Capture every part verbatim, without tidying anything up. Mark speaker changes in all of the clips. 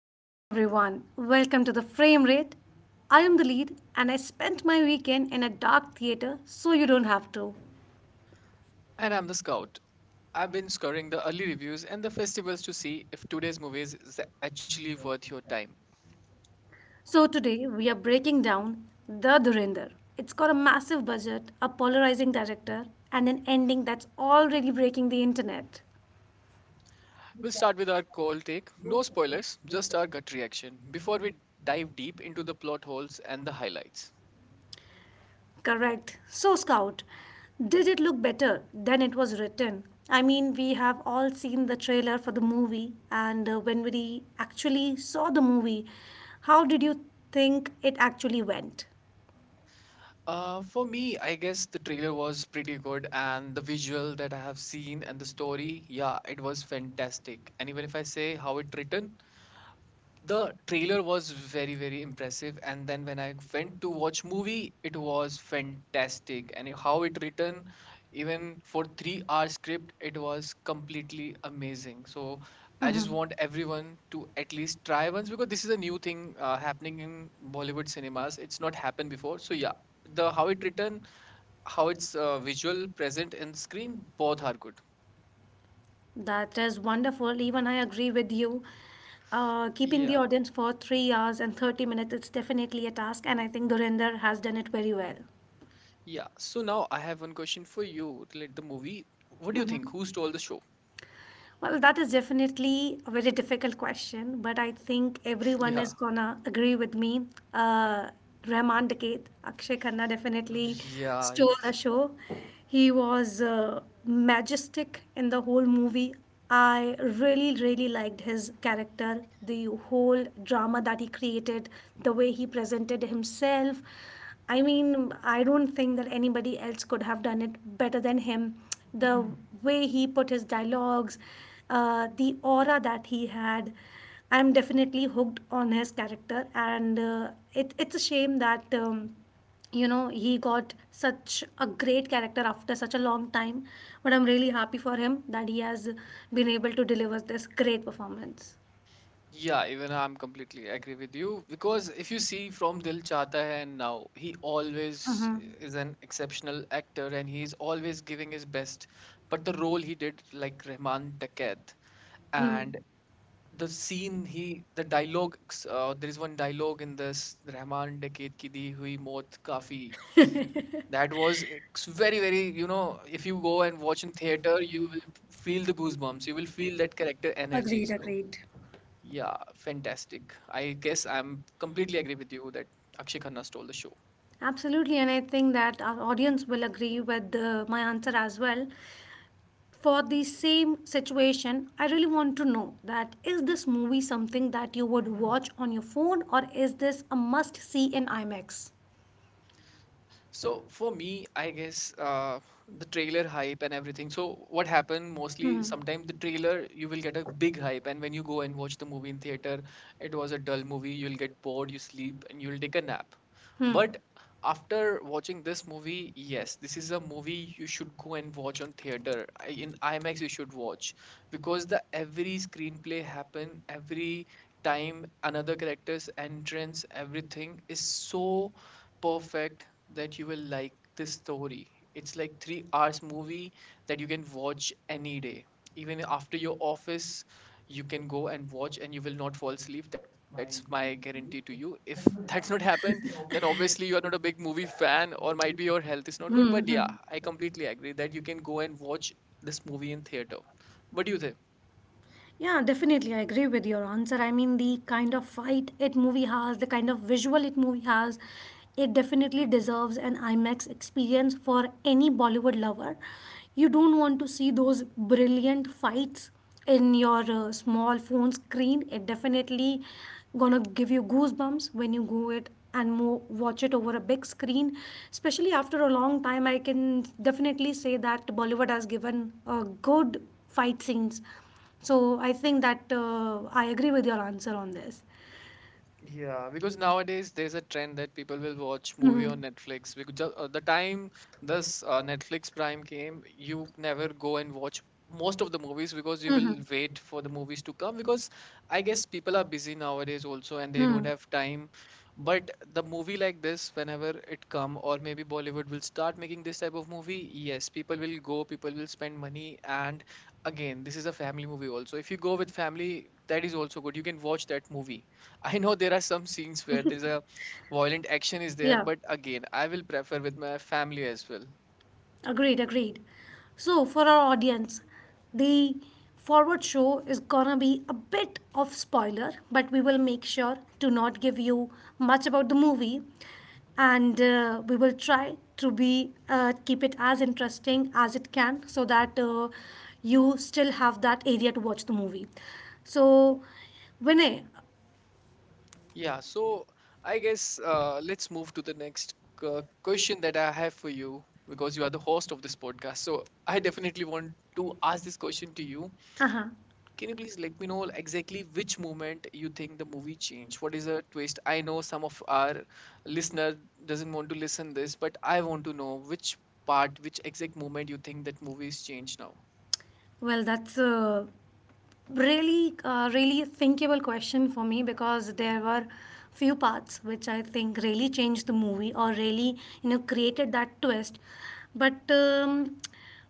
Speaker 1: Good evening, everyone. Welcome to the Frame Rate. I am the lead, and I spent my weekend in a dark theater so you don't have to.
Speaker 2: And I'm the scout. I've been scouring the early reviews and the festivals to see if today's movies is actually worth your time.
Speaker 1: So, today we are breaking down The Dhurinder. It's got a massive budget, a polarizing director, and an ending that's already breaking the internet.
Speaker 2: We'll start with our cold take, no spoilers, just our gut reaction before we dive deep into the plot holes and the highlights.
Speaker 1: Correct. So, Scout, did it look better than it was written? I mean, we have all seen the trailer for the movie, and uh, when we actually saw the movie, how did you think it actually went?
Speaker 2: Uh, for me, I guess the trailer was pretty good, and the visual that I have seen and the story, yeah, it was fantastic. And even if I say how it written, the trailer was very very impressive, and then when I went to watch movie, it was fantastic. And how it written, even for three hour script, it was completely amazing. So I just want everyone to at least try once, because this is a new thing uh, happening in Bollywood cinemas. It's not happened before, so yeah, the how it written, how it's uh, visual present in screen, both are good.
Speaker 1: That is wonderful. Even I agree with you. Uh, keeping the
Speaker 2: Yeah,
Speaker 1: audience for three hours and thirty minutes minutes—it's definitely a task, and I think Gurinder has done it very well.
Speaker 2: yeah, so now I have one question for you relate the movie. What do you
Speaker 1: Mhm.
Speaker 2: think, who stole the show?
Speaker 1: Well, that is definitely a very difficult question, but I think everyone
Speaker 2: Yeah,
Speaker 1: is gonna agree with me. Uh, Rahman Dakit, Akshay Khanna definitely
Speaker 2: yeah,
Speaker 1: stole
Speaker 2: y-
Speaker 1: the show. He was uh, majestic in the whole movie. I really, really liked his character, the whole drama that he created, the way he presented himself. I mean, I don't think that anybody else could have done it better than him, the way he put his dialogues, uh, the aura that he had. I'm definitely hooked on his character, and uh, it, it's a shame that um, you know he got such a great character after such a long time. But I'm really happy for him that he has been able to deliver this great performance.
Speaker 2: yeah. Even I'm completely agree with you, because if you see from Dil Chahta Hai and now, he always
Speaker 1: Hmm.
Speaker 2: is an exceptional actor, and he is always giving his best. But the role he did, like Rahman Dakat,
Speaker 1: Hmm.
Speaker 2: and the scene he, the dialogue, uh, there is one dialogue in this Rahman Dakat ki di hui maut kafi. That was ex- very, very, you know, if you go and watch in theater, you will feel the goosebumps. You will feel that character energy.
Speaker 1: Agreed,
Speaker 2: So.
Speaker 1: agreed.
Speaker 2: Yeah, fantastic. I guess I'm completely agree with you that Akshay Khanna stole the show.
Speaker 1: Absolutely, and I think that our audience will agree with uh, my answer as well. For the same situation, I really want to know, that is this movie something that you would watch on your phone, or is this a must see in IMAX?
Speaker 2: So for me, I guess uh, the trailer hype and everything. So what happened mostly, sometimes the trailer you will get a big hype, and when you go and watch the movie in theater, it was a dull movie. You'll get bored, you sleep, and you'll take a nap. But after watching this movie, yes, this is a movie you should go and watch on theater. I- In IMAX, you should watch, because the every screenplay happen, every time another character's entrance, everything is so perfect that you will like this story. It's like three hours movie that you can watch any day. Even after your office, you can go and watch and you will not fall asleep. That's my guarantee to you. If that's not happened, then obviously you are not a big movie fan or might be your health is not good. But
Speaker 1: Hmm. Yeah,
Speaker 2: yeah, I
Speaker 1: hmm.
Speaker 2: completely agree that you can go and watch this movie in theater. What do you think?
Speaker 1: Yeah, definitely. I agree with your answer. I mean, the kind of fight it movie has, the kind of visual it movie has, it definitely deserves an IMAX experience for any Bollywood lover. You don't want to see those brilliant fights in your uh, small phone screen. It definitely gonna give you goosebumps when you go it and more watch it over a big screen. Especially after a long time, I can definitely say that Bollywood has given uh, good fight scenes, so I think that uh, I agree with your answer on this.
Speaker 2: Yeah, because nowadays there's a trend that people will watch movie on
Speaker 1: Mhm.
Speaker 2: Netflix. Because ju- uh, the time this uh, Netflix Prime came, you never go and watch most of the movies because you
Speaker 1: Mhm.
Speaker 2: will wait for the movies to come. Because I guess people are busy nowadays also and they don't have time. But the movie like this, whenever it come, or maybe Bollywood will start making this type of
Speaker 1: Hmm.
Speaker 2: movie, yes, people will go, people will spend money, and again, this is a family movie also. If you go with family, that is also good. You can watch that movie. I know there are some scenes where there's a violent action is there,
Speaker 1: Yeah.
Speaker 2: but again, I will prefer with my family as well.
Speaker 1: Agreed, agreed. So, for our audience, the forward show is gonna be a bit of spoiler, but we will make sure to not give you much about the movie, and uh, we will try to be uh, keep it as interesting as it can, so that uh, you still have that area to watch the movie. So, Vinay,
Speaker 2: Yeah, so I guess uh, let's move to the next uh, question that I have for you, because you are the host of this podcast. So I definitely want to ask this question to you.
Speaker 1: uh huh.
Speaker 2: Can you please let me know exactly which moment you think the movie changed? What is a twist? I know some of our listener doesn't want to listen this, but I want to know which part, which exact moment you think that movie is changed now.
Speaker 1: Well, that's uh, really uh, really thinkable question for me, because there were few parts which I think really changed the movie, or really, you know, created that twist. But um,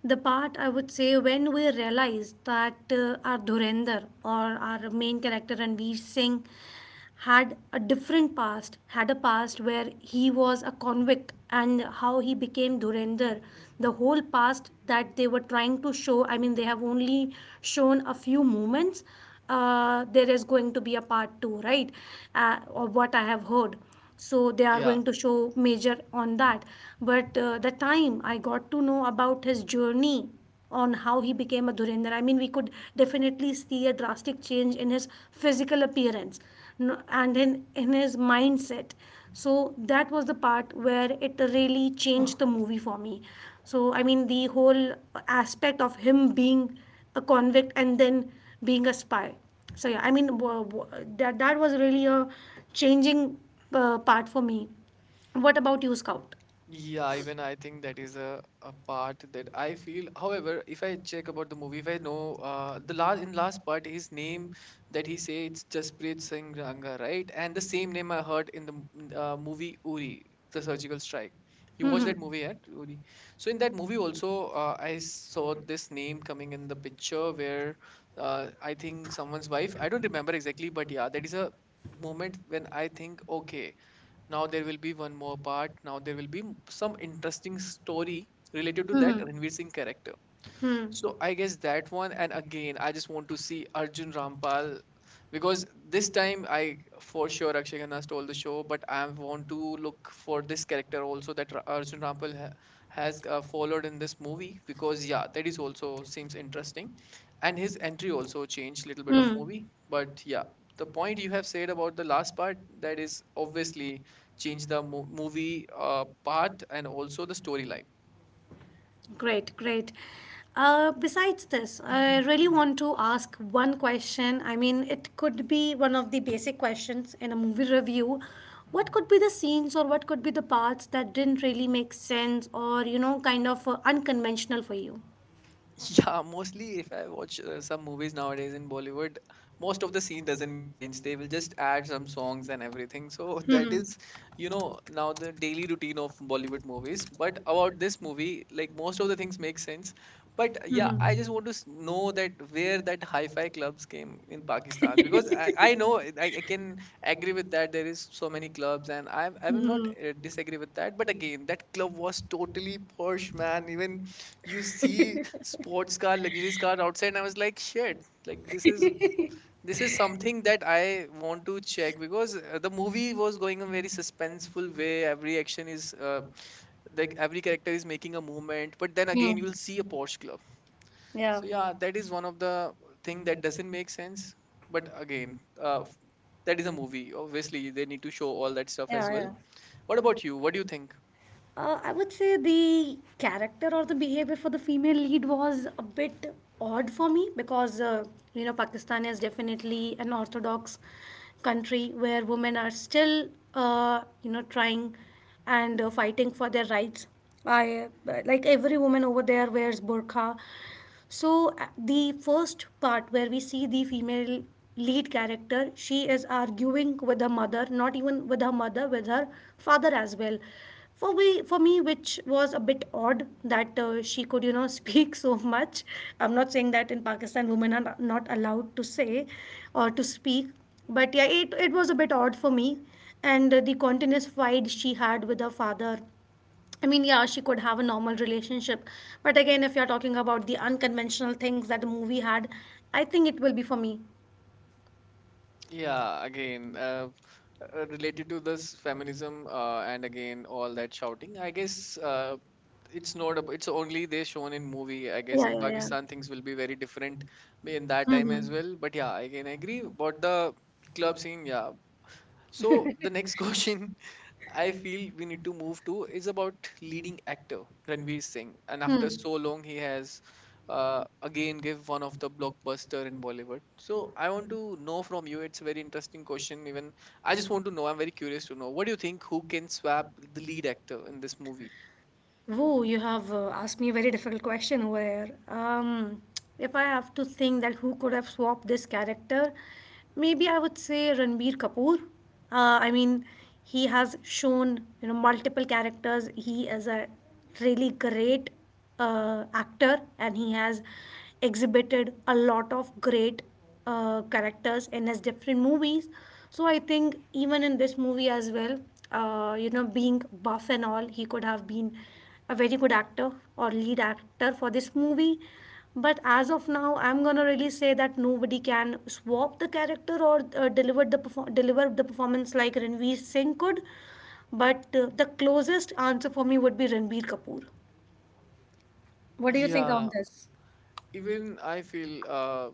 Speaker 1: the part I would say, when we realized that uh, our Dhurender, or our main character Ranveer Singh, had a different past, had a past where he was a convict and how he became Dhurendar. The whole past that they were trying to show, I mean, they have only shown a few moments. Uh, there is going to be a part two, right? Uh, or what I have heard. So they are
Speaker 2: Yeah,
Speaker 1: going to show major on that. But uh, the time I got to know about his journey, on how he became a Dhurendra. I mean, we could definitely see a drastic change in his physical appearance, no- and in, in his mindset. So that was the part where it really changed the movie for me. So, I mean, the whole aspect of him being a convict and then being a spy. So, yeah, I mean, w- w- that, that was really a changing uh, part for me. What about you, Scout?
Speaker 2: yeah, even I think that is a, a part that I feel. However, if I check about the movie, if I know uh, the last in last part, his name that he say it's Jasprit Singh Ranga, right? And the same name I heard in the m- n- uh, movie Uri, the surgical strike. You watched that
Speaker 1: Mhm.
Speaker 2: movie, right? Uri. So in that movie also, uh, I saw this name coming in the picture where uh, I think someone's wife. I don't remember exactly, but yeah, that is a moment when I think, okay. Now there will be one more part. Now there will be m- some interesting story related to that Ranveer Singh character.
Speaker 1: Hmm.
Speaker 2: So I guess that one, and again, I just want to see Arjun Rampal, because this time I for sure Akshay Khanna stole the show, but I want to look for this character also that Ra- Arjun Rampal ha- has uh, followed in this movie, because yeah, that is also seems interesting, and his entry also changed little bit of movie. But yeah, the point you have said about the last part that is obviously changed the mo- movie uh, part and also the storyline.
Speaker 1: Great, great. Uh, besides this, I really want to ask one question. I mean, it could be one of the basic questions in a movie review. What could be the scenes, or what could be the parts, that didn't really make sense or, you know, kind of uh, unconventional for you?
Speaker 2: Yeah, mostly if I watch uh, some movies nowadays in Bollywood, most of the scene doesn't make sense. They will just add some songs and everything. So that
Speaker 1: Mhm.
Speaker 2: is, you know, now the daily routine of Bollywood movies. But about this movie, like most of the things make sense. But uh, yeah, I
Speaker 1: Mhm.
Speaker 2: just want to s- know that where that hi-fi clubs came in Pakistan, because I, I know I, I can agree with that there is so many clubs and I'm I'm not
Speaker 1: Mhm.
Speaker 2: uh, disagree with that. But again, that club was totally posh, man. Even you see sports car, luxurious car outside, and I was like, shit, like this is this is something that I want to check, because uh, the movie was going a very suspenseful way. Every action is uh, like every character is making a movement, but then again,
Speaker 1: Hmm.
Speaker 2: you'll see a Porsche Club.
Speaker 1: Yeah.
Speaker 2: So yeah, that is one of the thing that doesn't make sense. But again, uh, f- that is a movie. Obviously, they need to show all that stuff as
Speaker 1: Yeah.
Speaker 2: well.
Speaker 1: Yeah.
Speaker 2: What about you? What do you think?
Speaker 1: Uh, I would say the character or the behavior for the female lead was a bit odd for me because, uh, you know, Pakistan is definitely an orthodox country where women are still, uh, you know, trying and uh, fighting for their rights. I uh, Like every woman over there wears burqa, so a- the first part where we see the female lead character, she is arguing with her mother, not even with her mother, with her father as well. For me, for me, which was a bit odd that uh, she could, you know, speak so much. I'm not saying that in Pakistan women are not not allowed to say or to speak, but yeah, it, it was a bit odd for me. And uh, the continuous fight she had with her father. I mean, yeah, she could have a normal relationship. But again, if you're talking about the unconventional things that the movie had, I think it will be for me.
Speaker 2: Yeah, again, uh, uh, related to this feminism uh, and again all that shouting, I guess uh, it's not, ab- it's only they shown in movie. I guess
Speaker 1: Yeah,
Speaker 2: in
Speaker 1: yeah, yeah.
Speaker 2: Pakistan things will be very different in that
Speaker 1: Hmm.
Speaker 2: time as well. But yeah, I can agree about the club scene. Yeah. So the next question I feel we need to move to is about leading actor Ranveer Singh, and after
Speaker 1: Hmm.
Speaker 2: so long he has uh, again give one of the blockbuster in Bollywood. So I want to know from you. It's a very interesting question. Even I just want to know. I'm very curious to know. What do you think? Who can swap the lead actor in this movie?
Speaker 1: Woo, you have uh, asked me a very difficult question where um, if I have to think that who could have swapped this character, maybe I would say Ranbir Kapoor. Uh, I mean, he has shown, you know, multiple characters. He is a really great uh, actor, and he has exhibited a lot of great uh, characters in his different movies. So I think even in this movie as well, uh, you know, being buff and all, he could have been a very good actor or lead actor for this movie. But as of now, I'm gonna really say that nobody can swap the character or uh, deliver the perfor- deliver the performance like Ranveer Singh could. But uh, the closest answer for me would be Ranbir Kapoor.
Speaker 2: Yeah, even I feel. Uh,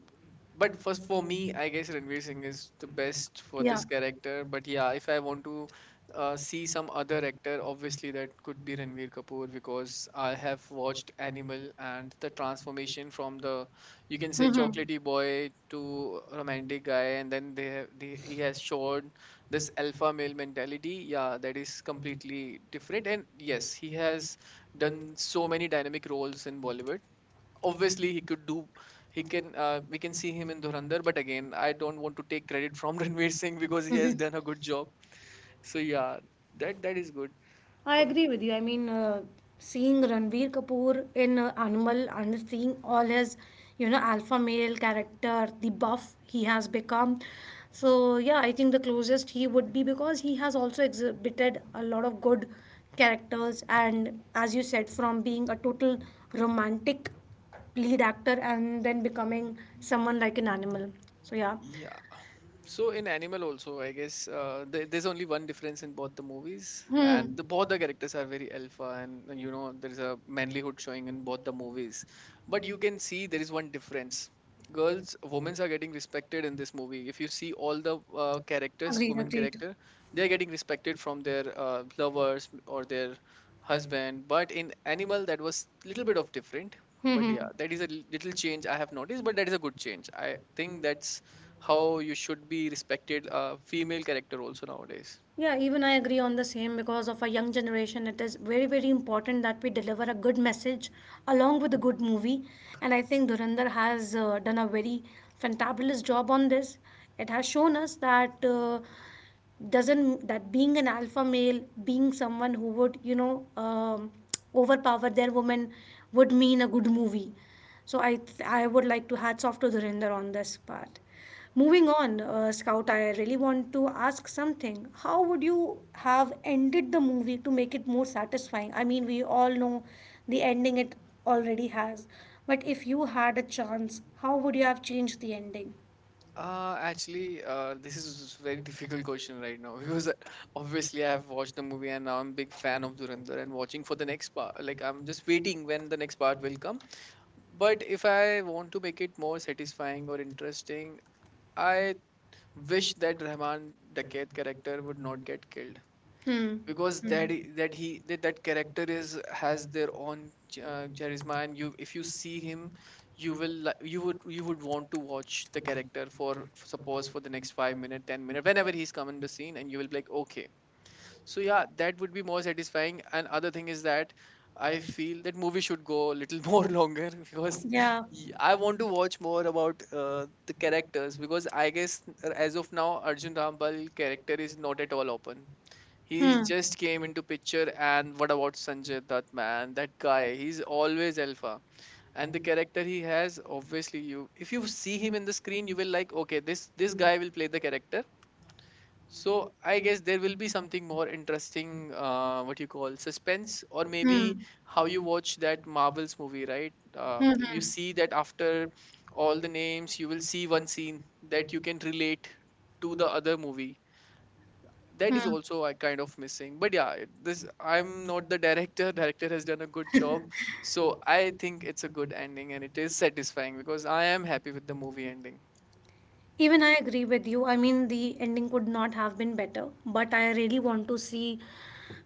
Speaker 2: But first for me, I guess Ranveer Singh is the best for this character. But yeah, if I want to uh, see some other actor, obviously that could be Ranveer Kapoor, because I have watched Animal and the transformation from the you can say chocolatey boy to romantic guy, and then they have they, he has shown this alpha male mentality. Yeah, that is completely different. And yes, he has done so many dynamic roles in Bollywood. Obviously he could do, he can uh, we can see him in Dhurandhar, but again I don't want to take credit from Ranveer Singh, because he has done a good job. So yeah, that that is good.
Speaker 1: I agree with you. I mean, uh, seeing Ranveer Kapoor in uh, Animal and seeing all his, you know, alpha male character, the buff he has become. So, yeah, I think the closest he would be, because he has also exhibited a lot of good characters. And as you said, from being a total romantic lead actor and then becoming someone like an animal. So, yeah.
Speaker 2: Okay. So in Animal also, I guess uh, th- there's only one difference in both the movies, and
Speaker 1: Hmm.
Speaker 2: the both the characters are very alpha, and uh, you know there's a manlyhood showing in both the movies. But you can see there is one difference. Girls, women are getting respected in this movie. If you see all the uh, characters,
Speaker 1: Agreed,
Speaker 2: women
Speaker 1: agreed.
Speaker 2: character, they are getting respected from their uh, lovers or their husband. But in Animal, that was little bit of different. But
Speaker 1: Hmm.
Speaker 2: yeah,
Speaker 1: Hmm.
Speaker 2: that is a little change I have noticed. But that is a good change. I think that's how you should be respected uh, female character also nowadays.
Speaker 1: Yeah, even I agree on the same, because of our young generation, it is very, very important that we deliver a good message along with a good movie. And I think Dhurandhar has uh, done a very fantabulous job on this. It has shown us that uh, doesn't that being an alpha male, being someone who would, you know, um, overpower their woman, would mean a good movie. So I th- I would like to hats off to Dhurandhar on this part. Moving on, uh, Scout, I really want to ask something. How would you have ended the movie to make it more satisfying? I mean, we all know the ending it already has. But if you had a chance, how would you have changed the ending?
Speaker 2: Uh actually uh this is very difficult question right now. because uh, Obviously, I have watched the movie and now I'm big fan of Durandar and watching for the next part. Like, I'm just waiting when the next part will come. But if I want to make it more satisfying or interesting, I wish that Rahman Daket character would not get killed
Speaker 1: Hmm.
Speaker 2: because that I- that he that, that character is has their own ch- uh, charisma. And you, if you see him, you will li- you would you would want to watch the character for f- suppose for the next five minute ten minute whenever he's come in the scene, and you will be like okay. So yeah, that would be more satisfying. And other thing is that I feel that movie should go a little more longer because
Speaker 1: Yeah.
Speaker 2: y- I want to watch more about uh, the characters, because I guess uh, as of now Arjun Rampal character is not at all open. He
Speaker 1: Hmm.
Speaker 2: just came into picture. And what about Sanjay Dutt, man? That guy, he's always alpha. And the character he has, obviously, you, if you see him in the screen, you will like okay, this this guy will play the character. So I guess there will be something more interesting, uh, what you call, suspense. Or maybe how you watch that Marvel's movie, right? Uh, you see that after all the names, you will see one scene that you can relate to the other movie. That is also a kind of missing. But yeah, it- this, I'm not the director. Director has done a good job. So I think it's a good ending and it is satisfying because I am happy with the movie ending.
Speaker 1: Even I agree with you. I mean, the ending could not have been better, but I really want to see,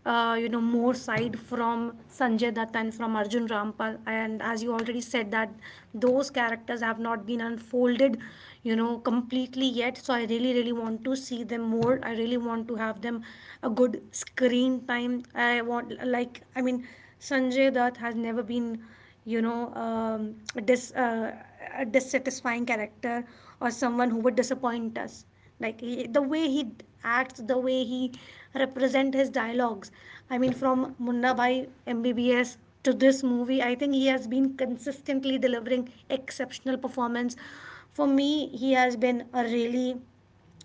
Speaker 1: uh, you know, more side from Sanjay Dutt and from Arjun Rampal. And as you already said, that those characters have not been unfolded, you know, completely yet. So I really, really want to see them more. I really want to have them a good screen time. I want, like, I mean, Sanjay Dutt has never been, you know, um, dis, uh, a dissatisfying character, or someone who would disappoint us, like he, the way he d- acts, the way he represent his dialogues. I mean, from Munna Bhai MBBS to this movie, I think he has been consistently delivering exceptional performance. For me, he has been a really,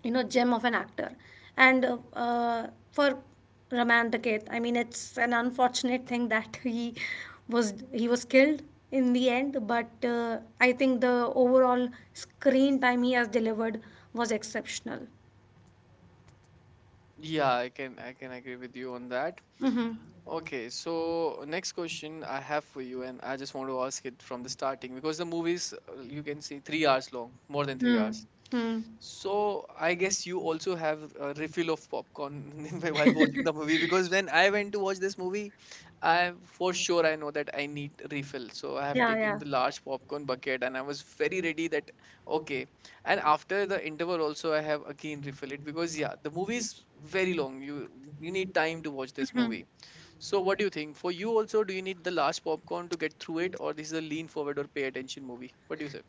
Speaker 1: you know, gem of an actor. And uh, uh, for Raman Daket, I mean, it's an unfortunate thing that he was he was killed in the end, but uh, I think the overall screen time he has delivered was exceptional.
Speaker 2: Yeah, i can i can agree with you on that.
Speaker 1: Hmm.
Speaker 2: Okay, so next question I have for you, and I just want to ask it from the starting because the movies, uh, you can see three hours long, more than three
Speaker 1: Hmm.
Speaker 2: hours.
Speaker 1: Hmm.
Speaker 2: So I guess you also have a refill of popcorn while watching the movie. Because when I went to watch this movie, I for sure I know that I need refill. So I have
Speaker 1: Yeah,
Speaker 2: taken
Speaker 1: yeah.
Speaker 2: the large popcorn bucket and I was very ready that okay. And after the interval also I have again refill it, because yeah, the movie is very long. You you need time to watch this
Speaker 1: Mhm.
Speaker 2: movie. So what do you think? For you also, do you need the large popcorn to get through it, or this is a lean forward or pay attention movie? What do you say?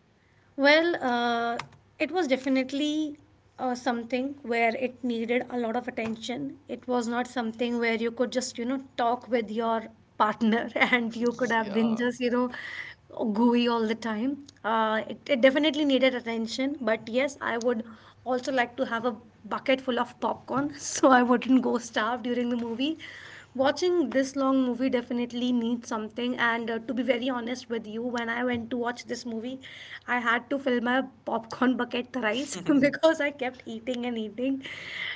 Speaker 1: Well, uh, it was definitely uh, something where it needed a lot of attention. It was not something where you could just, you know, talk with your partner and you could have been just, you know, gooey all the time. Uh, it, it definitely needed attention, but yes, I would also like to have a bucket full of popcorn so I wouldn't go starve during the movie. Watching this long movie definitely needs something. And uh, to be very honest with you, when I went to watch this movie, I had to fill my popcorn bucket thrice
Speaker 2: Yeah.
Speaker 1: because I kept eating and eating.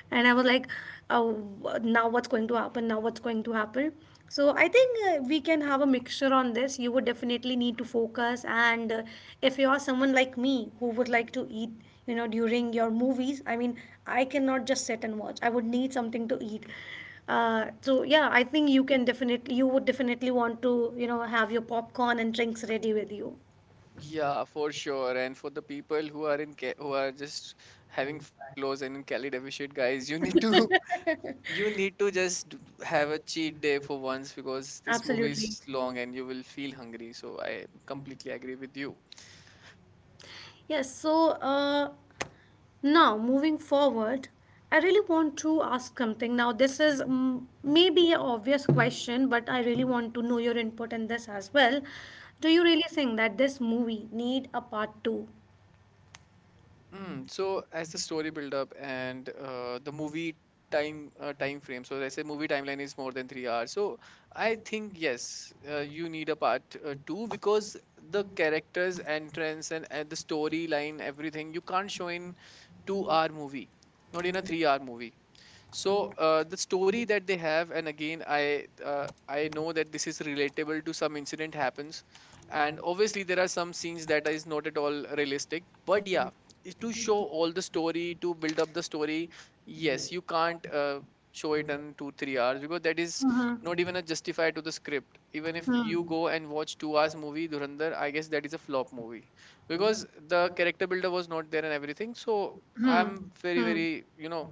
Speaker 1: And I was like, oh, now what's going to happen? Now what's going to happen? So I think uh, we can have a mixture on this. You would definitely need to focus, and uh, if you are someone like me who would like to eat, you know, during your movies. I mean, I cannot just sit and watch. I would need something to eat. Uh, so yeah, I think you can definitely you would definitely want to, you know, have your popcorn and drinks ready with you.
Speaker 2: Yeah, for sure. And for the people who are in ca- who are just having fat loss and in calorie deficit, guys, you need to you need to just d- have a cheat day for once, because this movie
Speaker 1: Absolutely.
Speaker 2: is long and you will feel hungry. So I completely agree with you.
Speaker 1: Yes, so uh, now moving forward, I really want to ask something. Now, this is mm, maybe an obvious question, but I really want to know your input in this as well. Do you really think that this movie need a part two?
Speaker 2: Mm, so as the story build up and uh, the movie time uh, time frame, so let's say movie timeline is more than three hours. So I think yes, uh, you need a part uh, two, because the characters, entrance, and, and the storyline, everything you can't show in two hour movie, not in a three hour movie. So uh, the story that they have. And again, I uh, I know that this is relatable to some incident happens, and obviously there are some scenes that is not at all realistic. But yeah, i- to show all the story, to build up the story, yes, you can't uh, show it in two three hours, because that is not even a justify to the script. Even if you go and watch two hours movie Durandar, I guess that is a flop movie
Speaker 1: Hmm.
Speaker 2: because the character builder was not there and everything. So
Speaker 1: Hmm.
Speaker 2: I'm very
Speaker 1: Hmm.
Speaker 2: very, you know,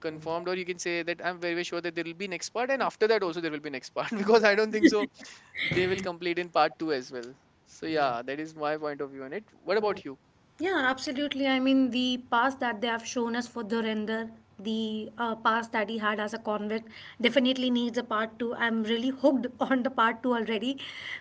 Speaker 2: confirmed, or you can say that I'm very, very sure that there will be next part, and after that also there will be next part, because I don't think so they will complete in part two as well. So yeah, that is my point of view on it. What about you?
Speaker 1: Yeah, absolutely. I mean, the past that they have shown us for Dhurender, the uh, past that he had as a convict, definitely needs a part two. I'm really hooked on the part two already,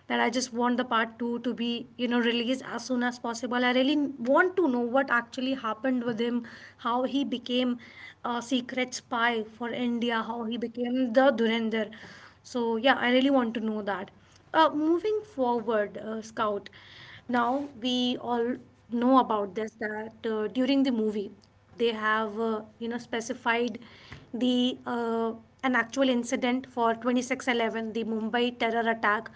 Speaker 1: that I just want the part two to be, you know, released as soon as possible. I really want to know what actually happened with him, how he became a secret spy for India, how he became the Dhurender. So, yeah, I really want to know that. Uh, moving forward, uh, Scout, now we all know about this that uh, during the movie they have uh, you know specified the uh, an actual incident for twenty six eleven, the Mumbai terror attack.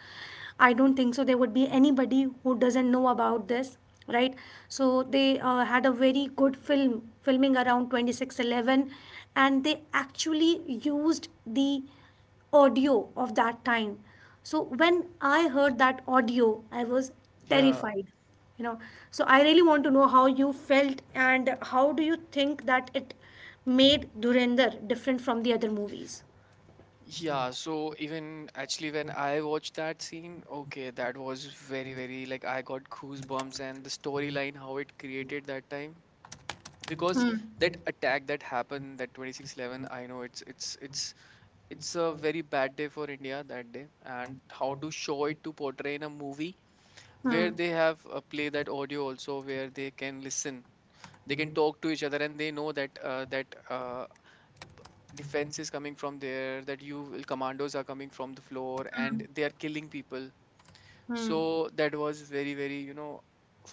Speaker 1: I don't think so there would be anybody who doesn't know about this, right? So they uh, had a very good film filming around twenty six eleven, and they actually used the audio of that time. So when I heard that audio, I was
Speaker 2: Yeah,
Speaker 1: terrified. You know, so I really want to know how you felt and how do you think that it made Durender different from the other movies?
Speaker 2: yeah. So even actually, when I watched that scene, okay, that was very, very like I got goosebumps, and the storyline how it created that time. Because
Speaker 1: Hmm.
Speaker 2: that attack that happened, that twenty six eleven, I know it's it's it's it's a very bad day for India, that day. And how to show it, to portray in a movie where
Speaker 1: Hmm.
Speaker 2: they have uh, play that audio also, where they can listen, they can talk to each other, and they know that uh, that uh, defense is coming from there, that you will- commandos are coming from the floor
Speaker 1: Hmm.
Speaker 2: and they are killing people. So
Speaker 1: Hmm.
Speaker 2: that was very very, you know,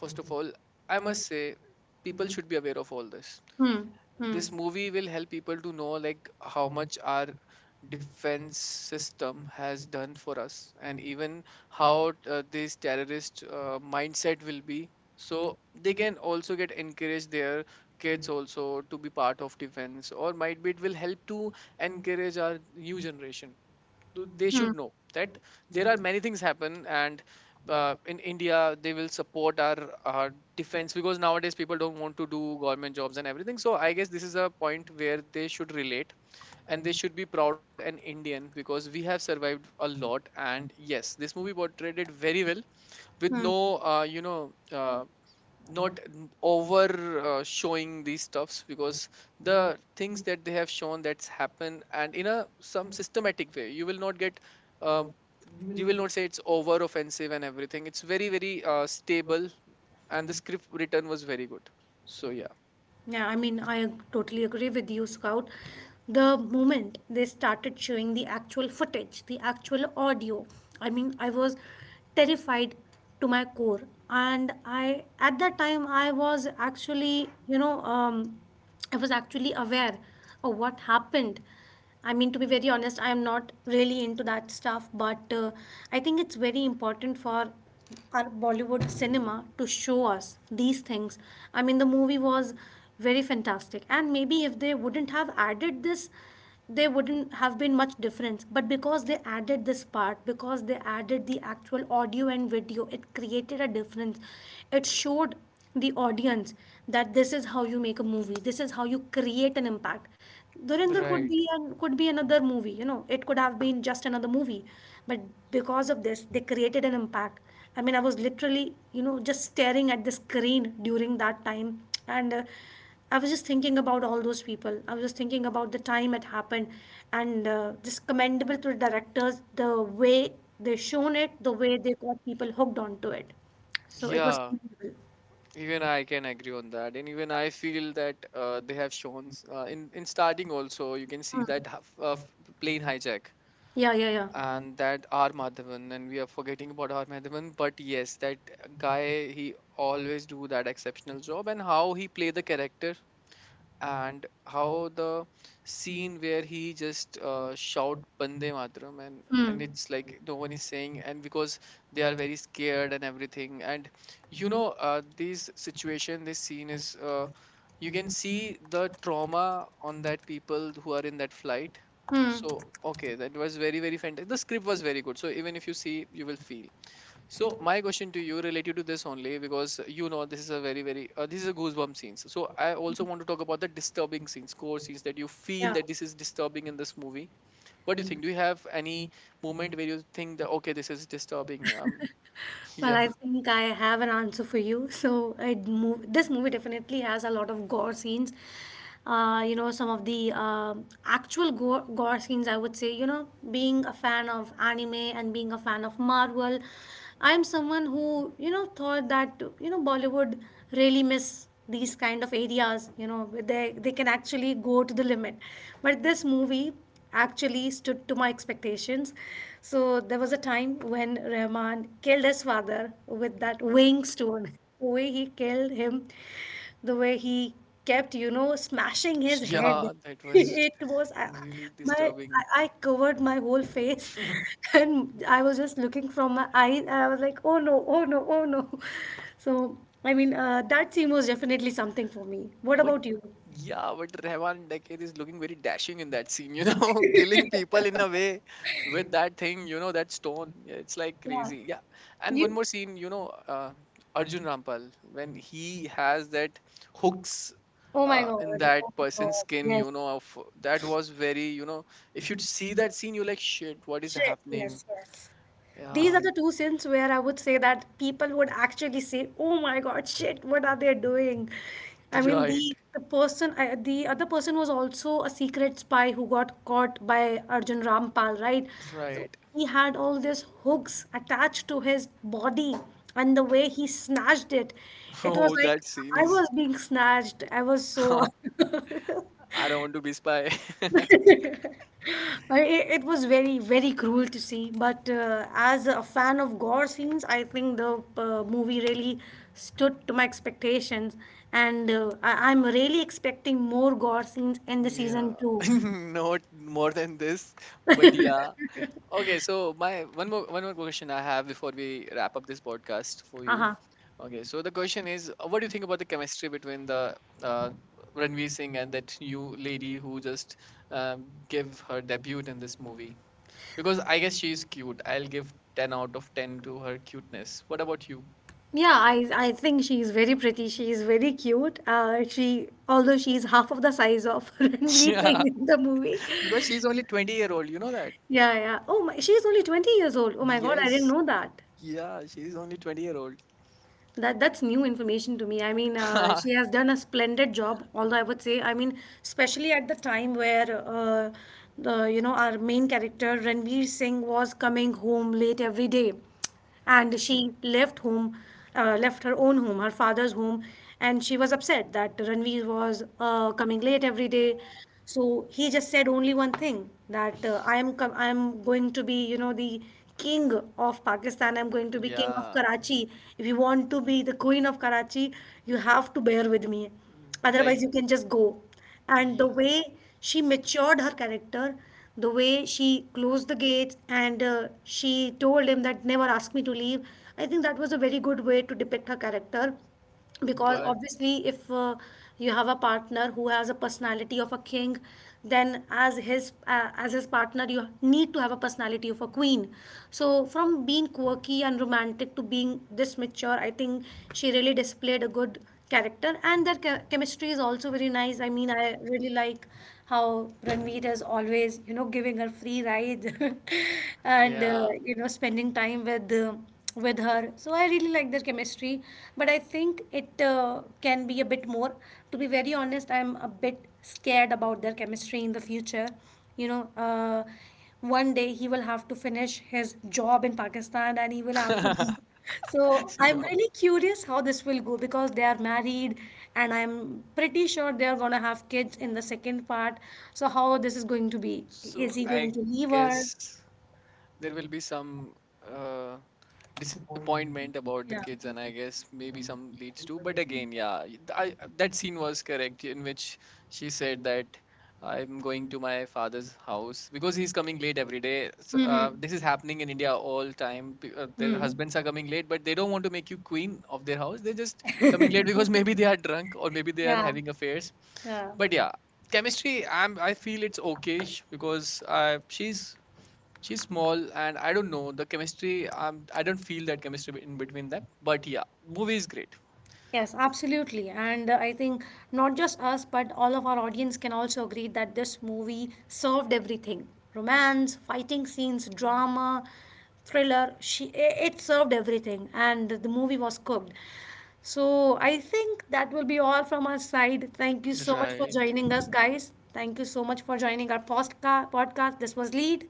Speaker 2: first of all, I must say people should be aware of all this.
Speaker 1: Hmm. Hmm.
Speaker 2: This movie will help people to know like how much our defense system has done for us, and even how uh, this terrorist uh, mindset will be, so they can also get encourage their kids also to be part of defense. Or might be it will help to encourage our new generation. Th- they
Speaker 1: Hmm.
Speaker 2: should know that there are many things happen, and uh, in India they will support our, our defense, because nowadays people don't want to do government jobs and everything. So I guess this is a point where they should relate and they should be proud of an Indian, because we have survived a lot. And yes, this movie portrayed it very well, with
Speaker 1: Hmm.
Speaker 2: no uh, you know uh, not n- over uh, showing these stuffs. Because the things that they have shown, that's happened, and in a some systematic way, you will not get um, you will not say it's over offensive and everything. It's very very uh, stable, and the script written was very good. So yeah,
Speaker 1: Yeah, I mean, I ag- totally agree with you, Scout. The moment they started showing the actual footage, the actual audio, I mean, I was terrified to my core. And I, at that time, I was actually, you know, um, I was actually aware of what happened. I mean, to be very honest, I am not really into that stuff, but uh, I think it's very important for our Bollywood cinema to show us these things. I mean, the movie was very fantastic, and maybe if they wouldn't have added this, there wouldn't have been much difference. But because they added this part, because they added the actual audio and video, it created a difference. It showed the audience that this is how you make a movie, this is how you create an impact. Dhurinder could
Speaker 2: right.
Speaker 1: be an, could be another movie, you know, it could have been just another movie. But because of this, they created an impact. I mean, I was literally, you know, just staring at the screen during that time. And uh, i was just thinking about all those people, I was just thinking about the time it happened. And uh, just commendable to the directors, the way they shown it, the way they got people hooked onto it. So it was
Speaker 2: Yeah,
Speaker 1: commendable.
Speaker 2: even I can agree on that. And even I feel that uh, they have shown s- uh, in in starting also you can see
Speaker 1: Mm.
Speaker 2: that h- uh, f- plane hijack.
Speaker 1: Yeah, yeah, yeah.
Speaker 2: And that R Madhavan — and we are forgetting about R Madhavan, but yes, that guy, he always do that exceptional job. And how he play the character, and how the scene where he just uh, shout Bande matram, and and
Speaker 1: Hmm.
Speaker 2: it's like no one is saying. And because they are very scared and everything, and you know, uh, this situation this scene is uh, you can see the trauma on that people who are in that flight.
Speaker 1: Hmm.
Speaker 2: So okay, that was very very fantastic, the script was very good. So even if you see, you will feel. So my question to you related to this only, because you know, this is a very very uh, this is a goosebump scenes. So I also want to talk about the disturbing scenes, core scenes, that you feel
Speaker 1: Yeah.
Speaker 2: that this is disturbing in this movie. What do you think? Do you have any moment where you think that okay, this is disturbing? Um,
Speaker 1: Well,
Speaker 2: yeah,
Speaker 1: I think I have an answer for you. So, I move. This movie definitely has a lot of gore scenes. Uh, you know, some of the um actual gore, gore scenes. I would say, you know, being a fan of anime and being a fan of Marvel, I'm someone who, you know, thought that, you know, Bollywood really miss these kind of areas. You know, they they can actually go to the limit, but this movie actually stood to my expectations. So there was a time when Rahman killed his father with that weighing stone. The way he killed him, the way he kept, you know, smashing his head.
Speaker 2: yeah, that was
Speaker 1: It was, I, I-
Speaker 2: really
Speaker 1: my I,
Speaker 2: disturbing.
Speaker 1: I covered my whole face and I was just looking from my eyes and I was like, oh no, oh no, oh no. So I mean, uh, that scene was definitely something for me. What
Speaker 2: But
Speaker 1: about you?
Speaker 2: yeah, but Rehman Decade is looking very dashing in that scene, you know, killing people in a way with that thing, you know, that stone. Yeah, it's like
Speaker 1: Yeah.
Speaker 2: crazy. Yeah. And one
Speaker 1: You.
Speaker 2: more scene, you know, uh, Arjun Rampal, when he has that hooks
Speaker 1: Oh my
Speaker 2: uh,
Speaker 1: God. Oh,
Speaker 2: in that
Speaker 1: my
Speaker 2: person's
Speaker 1: God.
Speaker 2: skin,
Speaker 1: Yes.
Speaker 2: you know, of that was very, you know, if you see that scene, you're like, shit, what is
Speaker 1: Shit.
Speaker 2: happening?
Speaker 1: Yes, yes. These are
Speaker 2: Yeah,
Speaker 1: the two sins where I would say that people would actually say, "Oh my God, shit! What are they doing?" I mean,
Speaker 2: right,
Speaker 1: the the person, I the other person was also a secret spy who got caught by Arjun Rampal, right? So
Speaker 2: right.
Speaker 1: he had all these hooks attached to his body, and the way he snatched it, it
Speaker 2: Oh,
Speaker 1: was
Speaker 2: that
Speaker 1: like
Speaker 2: scene
Speaker 1: I
Speaker 2: is,
Speaker 1: was being snatched. I was so
Speaker 2: I don't want to be spy.
Speaker 1: I- It, it was very, very cruel to see, but uh, as a fan of gore scenes, I think the uh, movie really stood to my expectations, and uh, I, I'm really expecting more gore scenes in the season
Speaker 2: Yeah,
Speaker 1: two.
Speaker 2: not more than this, but yeah. Okay, so my one more one more question I have before we wrap up this podcast for you.
Speaker 1: Uh-huh.
Speaker 2: Okay, so the question is, uh, what do you think about the chemistry between the uh, Ranveer Singh and that new lady who just um, gave her debut in this movie? Because I guess she is cute. I'll give ten out of ten to her cuteness. What about you?
Speaker 1: Yeah, I, I think she is very pretty. She is very cute. Uh, she although she is half of the size of Ranveer
Speaker 2: Yeah,
Speaker 1: Singh in the movie.
Speaker 2: because she's only twenty year old, you know that?
Speaker 1: Yeah, yeah. Oh my, she is only twenty years old. Oh my God, I didn't
Speaker 2: Yes.
Speaker 1: know that.
Speaker 2: Yeah, she's only twenty year old.
Speaker 1: That that's new information to me. I mean, uh, she has done a splendid job. Although I would say, I mean, especially at the time where uh, the, you know, our main character Ranveer Singh was coming home late every day, and she left home, uh, left her own home, her father's home, and she was upset that Ranveer was uh, coming late every day. So he just said only one thing, that uh, I am com- I am going to be, you know, the king of Pakistan. I'm going to be king of
Speaker 2: Yeah.
Speaker 1: Karachi. If you want to be the queen of Karachi, you have to bear with me.
Speaker 2: Like
Speaker 1: Otherwise, you can just go. And the
Speaker 2: yeah.
Speaker 1: way she matured her character, the way she closed the gates and uh, she told him that never ask me to leave, I think that was a very good way to depict her character. Because
Speaker 2: But
Speaker 1: obviously, if uh, you have a partner who has a personality of a king, then as his uh, as his partner you need to have a personality of a queen. So from being quirky and romantic to being this mature, I think she really displayed a good character. And their che- chemistry is also very nice. I mean, I really like how Ranveer is always, you know, giving her free ride and uh,
Speaker 2: yeah.
Speaker 1: you know, spending time with uh, with her. So I really like their chemistry, but I think it uh, can be a bit more. To be very honest, I'm a bit scared about their chemistry in the future. You know, uh, one day he will have to finish his job in Pakistan and he will have to leave. So
Speaker 2: You
Speaker 1: I'm
Speaker 2: know,
Speaker 1: really curious how this will go, because they are married and I'm pretty sure they are going to have kids in the second part. So how this is going to be?
Speaker 2: so
Speaker 1: Is he going
Speaker 2: I
Speaker 1: to leave her?
Speaker 2: guess there will be some uh disappointment about the kids, and I guess maybe some leads to. But again, yeah, y- th- I, that scene was correct, in which she said that I'm going to my father's house because he's coming late every day. So, uh, this is happening in India all time. P- uh, their husbands are coming late, but they don't want to make you queen of their house. They're just coming late because maybe they are drunk, or maybe they are having affairs. But yeah, chemistry, i'm I feel it's okay, sh- because uh, she's she's small, and I don't know the chemistry. um, I don't feel that chemistry be- in between them. But yeah, movie is great.
Speaker 1: Yes, absolutely. And uh, I think not just us, but all of our audience can also agree that this movie served everything: romance, fighting scenes, drama, thriller. She, i- it served everything, and the movie was cooked. So I think that will be all from our side. Thank you so much for
Speaker 2: Right,
Speaker 1: joining us, guys. Thank you so much for joining our postca- podcast. This was Lead.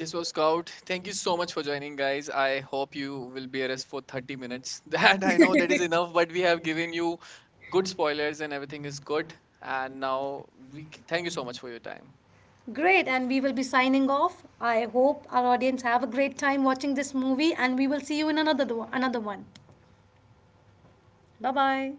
Speaker 2: this was Scout. Thank you so much for joining, guys. I hope you will bear us for thirty minutes, that I know that is enough, but we have given you good spoilers and everything is good. And now we c- thank you so much for your time.
Speaker 1: Great, and we will be signing off. I hope our audience have a great time watching this movie, and we will see you in another another one. Bye bye.